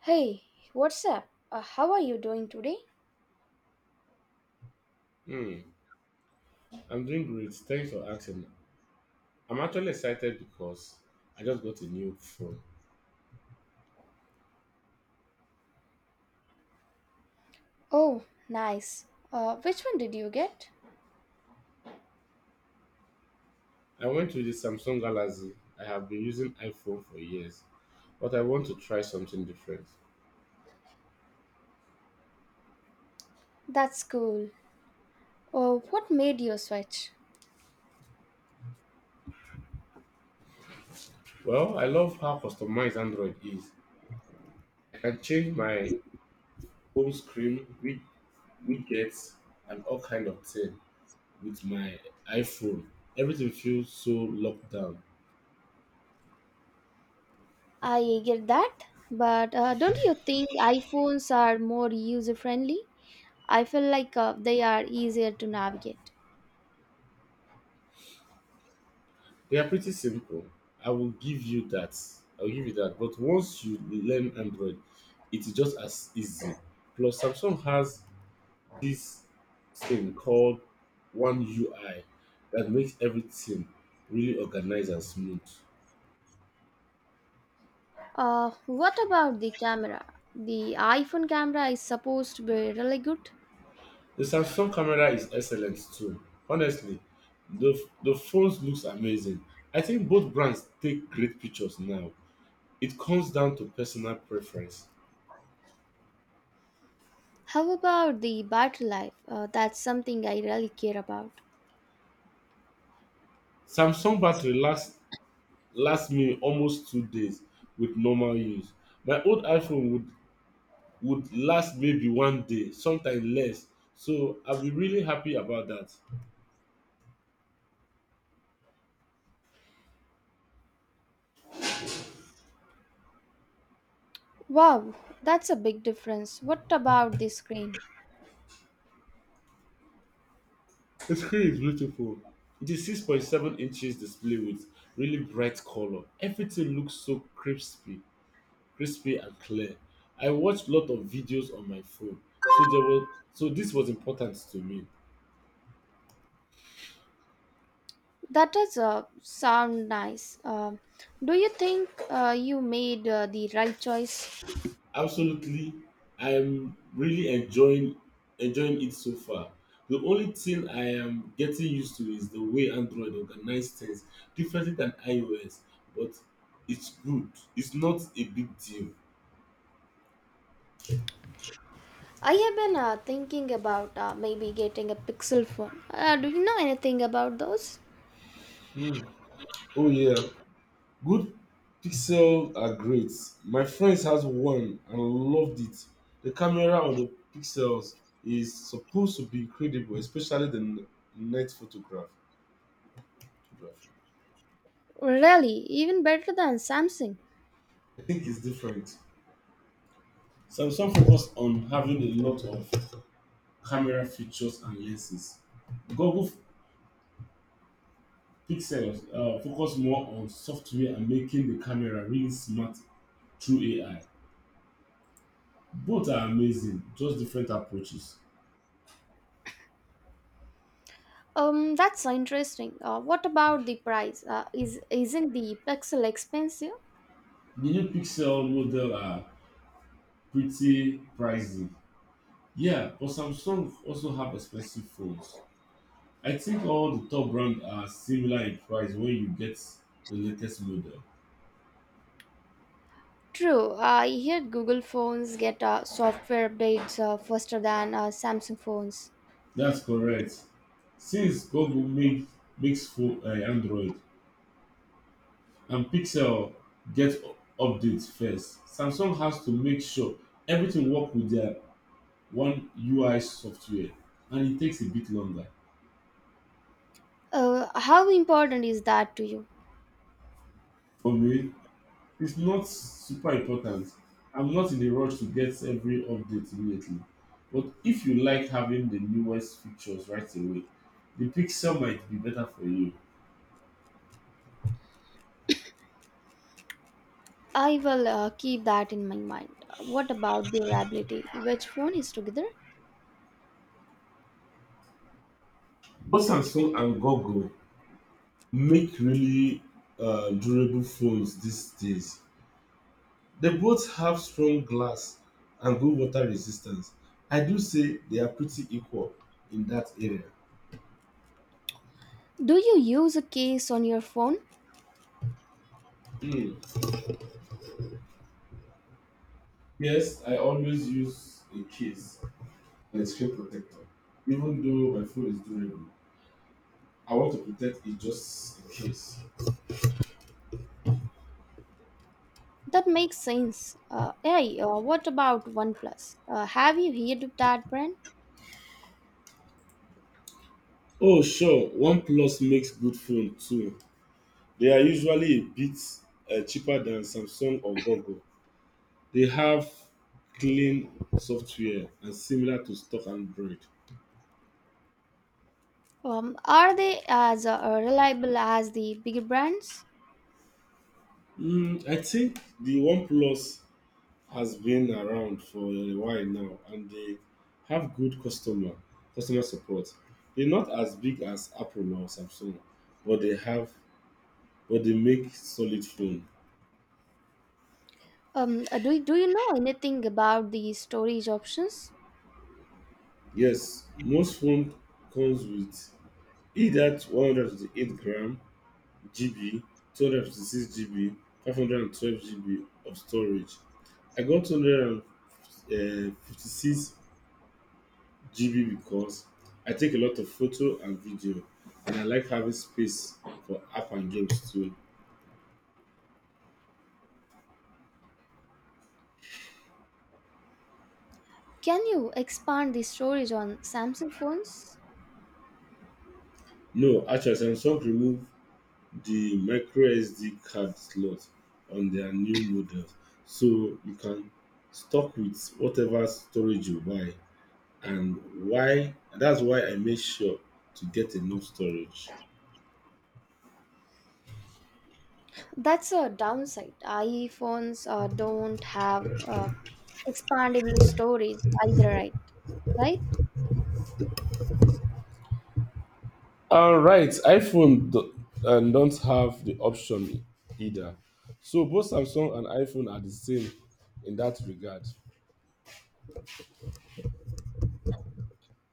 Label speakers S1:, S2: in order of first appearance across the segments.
S1: Hey, what's up? How are you doing today?
S2: Hmm, I'm doing great. Thanks for asking. I'm actually excited because I just got a new phone.
S1: Oh, nice. Which one did you get?
S2: I went with the Samsung Galaxy. I have been using iPhone for years, but I want to try something different.
S1: That's cool. Oh, what made you switch?
S2: Well, I love how customized Android is. I can change my home screen, with widgets, and all kind of thing with my iPhone. Everything feels so locked down.
S1: I get that, but don't you think iPhones are more user friendly? I feel like they are easier to navigate.
S2: They are pretty simple. I will give you that. I will give you that. But once you learn Android, it is just as easy. Plus, Samsung has this thing called One UI that makes everything really organized and smooth.
S1: What about the camera? The iPhone camera is supposed to be really good.
S2: The Samsung camera is excellent too. Honestly, the phones looks amazing. I think both brands take great pictures now. It comes down to personal preference.
S1: How about the battery life? That's something I really care about.
S2: Samsung battery lasts last me almost 2 days with normal use. My old iPhone would last maybe one day, sometimes less. So I'll be really happy about that.
S1: Wow, that's a big difference. What about the screen?
S2: The screen is beautiful. It is 6.7 inches display with really bright color. Everything looks so crispy and clear. I watched lot of videos on my phone, so this was important to me.
S1: That does sound nice. Do you think you made the right choice?
S2: Absolutely, I'm really enjoying it so far. The only thing I am getting used to is the way Android organizes things differently than iOS, but it's good. It's not a big deal.
S1: I have been thinking about maybe getting a Pixel phone. Do you know anything about those?
S2: Hmm. Oh yeah, good pixel are great. My friends has one and loved it. The camera on the pixels is supposed to be incredible, especially the night photography.
S1: Really, even better than Samsung.
S2: I think it's different. Samsung focused on having a lot of camera features and lenses. Google f- Pixel focused more on software and making the camera really smart through AI. Both are amazing, just different approaches.
S1: That's interesting. What about the price? Is Isn't the Pixel expensive?
S2: The new Pixel model are pretty pricey. Yeah, but Samsung also have expensive phones. I think all the top brands are similar in price when you get the latest model.
S1: True. I hear Google phones get software updates faster than Samsung phones.
S2: That's correct. Since Google makes full Android and Pixel get updates first, Samsung has to make sure everything work with their one UI software and it takes a bit longer.
S1: How important is that to you?
S2: For me, it's not super important. I'm not in a rush to get every update immediately. But if you like having the newest features right away, the Pixel might be better for you.
S1: I will keep that in my mind. What about durability? Which phone is together?
S2: Both Samsung and Google make really durable phones these days. They both have strong glass and good water resistance. I do say they are pretty equal in that area.
S1: Do you use a case on your phone?
S2: Hmm. Yes, I always use a case and a screen protector, even though my phone is durable. I want to protect it just in case.
S1: That makes sense. Hey, what about OnePlus? Have you heard of that brand?
S2: Oh, sure, OnePlus makes good phone too. They are usually a bit cheaper than Samsung or Google. They have clean software and similar to stock and bread.
S1: Are they as reliable as the big brands?
S2: I think the OnePlus has been around for a while now and they have good customer support. They're not as big as Apple or Samsung, but they have but they make solid phone.
S1: Do you know anything about the storage options?
S2: Yes, most phone comes with either 128 gram GB, 256 GB, 512 GB of storage. I got 200 uh, 56 GB because I take a lot of photo and video, and I like having space for app and games too.
S1: Can you expand the storage on Samsung phones?
S2: No, actually, Samsung removed the micro SD card slot on their new models, so you can stock with whatever storage you buy, and why that's why I make sure to get enough storage.
S1: That's a downside. iPhones don't have expandable storage either, right?
S2: All right, iPhone don't have the option either. So both Samsung and iPhone are the same in that regard.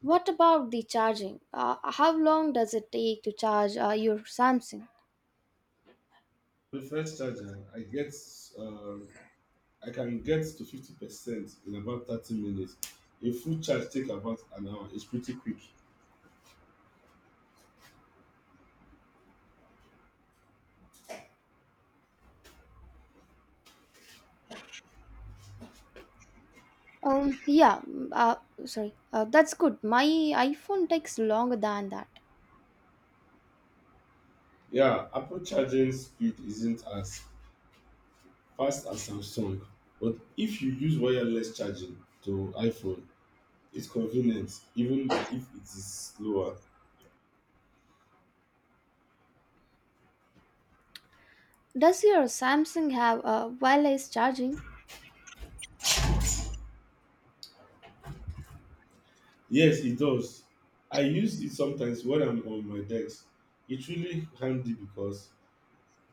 S1: What about the charging? How long does it take to charge your Samsung?
S2: The first charger, um, I can get to 50% in about 30 minutes. A full charge take about an hour. It's pretty quick.
S1: Um, yeah, mm, uh, Sorry. That's good. My iPhone takes longer than that.
S2: Yeah, Apple charging speed isn't as fast as Samsung, but if you use wireless charging to iPhone, it's convenient even if it is slower.
S1: Does your Samsung have wireless charging?
S2: Yes, it does. I use it sometimes when I'm on my decks. It's really handy because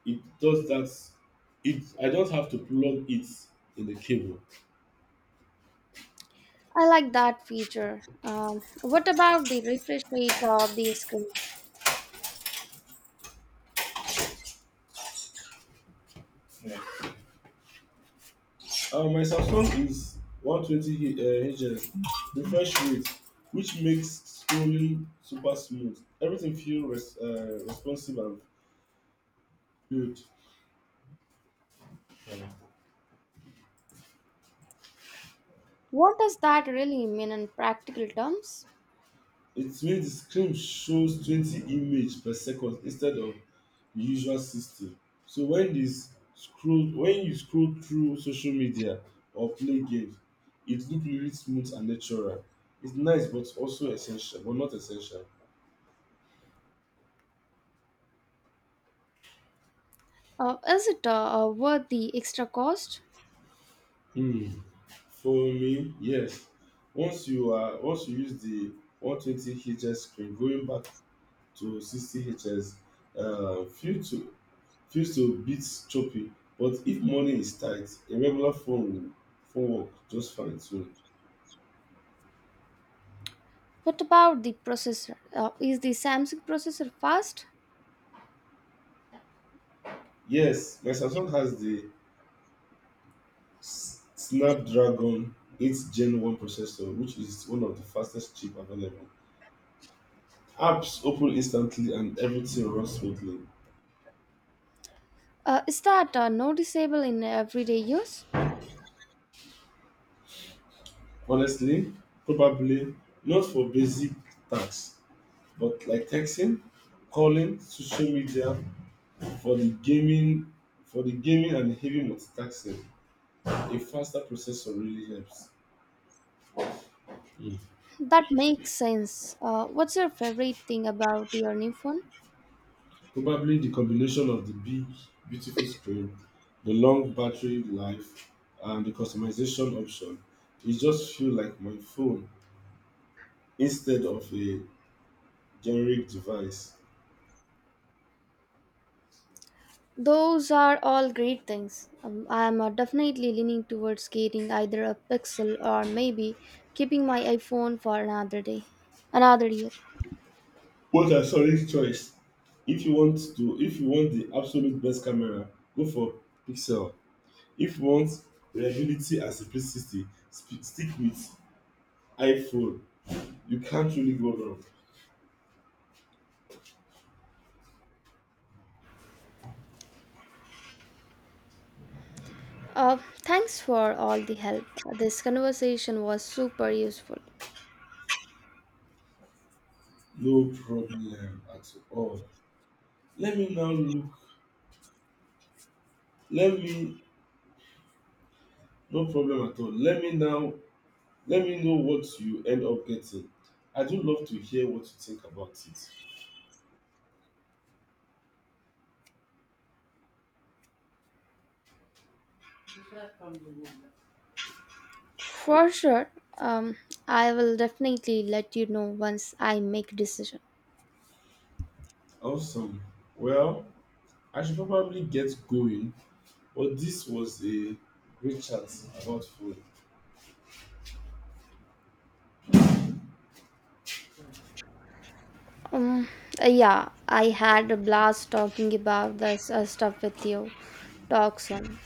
S2: it does that. It I don't have to plug it in the cable.
S1: I like that feature. What about the refresh rate of the screen?
S2: Yeah. My Samsung is 120 Hz refresh rate, which makes scrolling super smooth. Everything feels responsive and good. Yeah.
S1: What does that really mean in practical terms?
S2: It means the screen shows 20 image per second instead of the usual 60. So when you scroll through social media or play games, it look really smooth and natural. It's nice but also essential, but not essential.
S1: Is it worth the extra cost?
S2: Hmm. For me, yes. Once you use the 120 hz screen, going back to 60 Hz, few to feels to beat choppy, but if money is tight, a regular phone work just fine too.
S1: What about the processor? Is the Samsung processor fast?
S2: Yes, my Samsung has the snapdragon 8 gen 1 processor, which is one of the fastest chip available. Apps open instantly and everything runs smoothly.
S1: Is that noticeable in everyday use?
S2: Honestly, probably not for basic tasks, but like texting, calling, social media. For the gaming, for the gaming and heavy multitasking, a faster processor really helps. Mm.
S1: That makes sense. What's your favorite thing about your new phone?
S2: Probably the combination of the big, beautiful screen, the long battery life, and the customization option. It just feel like my phone instead of a generic device.
S1: Those are all great things. I'm definitely leaning towards getting either a Pixel or maybe keeping my iPhone for another day, another year.
S2: What a solid choice! If you want the absolute best camera, go for Pixel. If you want reliability and simplicity, stick with iPhone. You can't really go wrong.
S1: Thanks for all the help. This conversation was super useful.
S2: No problem at all. Let me now look. Let me no problem at all. Let me know what you end up getting. I do love to hear what you think about it.
S1: For sure. Um, I will definitely let you know once I make a decision.
S2: Awesome. Well, I should probably get going, but this was a great chat about food.
S1: Um, yeah, I had a blast talking about this stuff with you. Talk soon.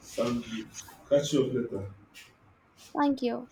S2: Sounds good. Catch you up later.
S1: Thank you.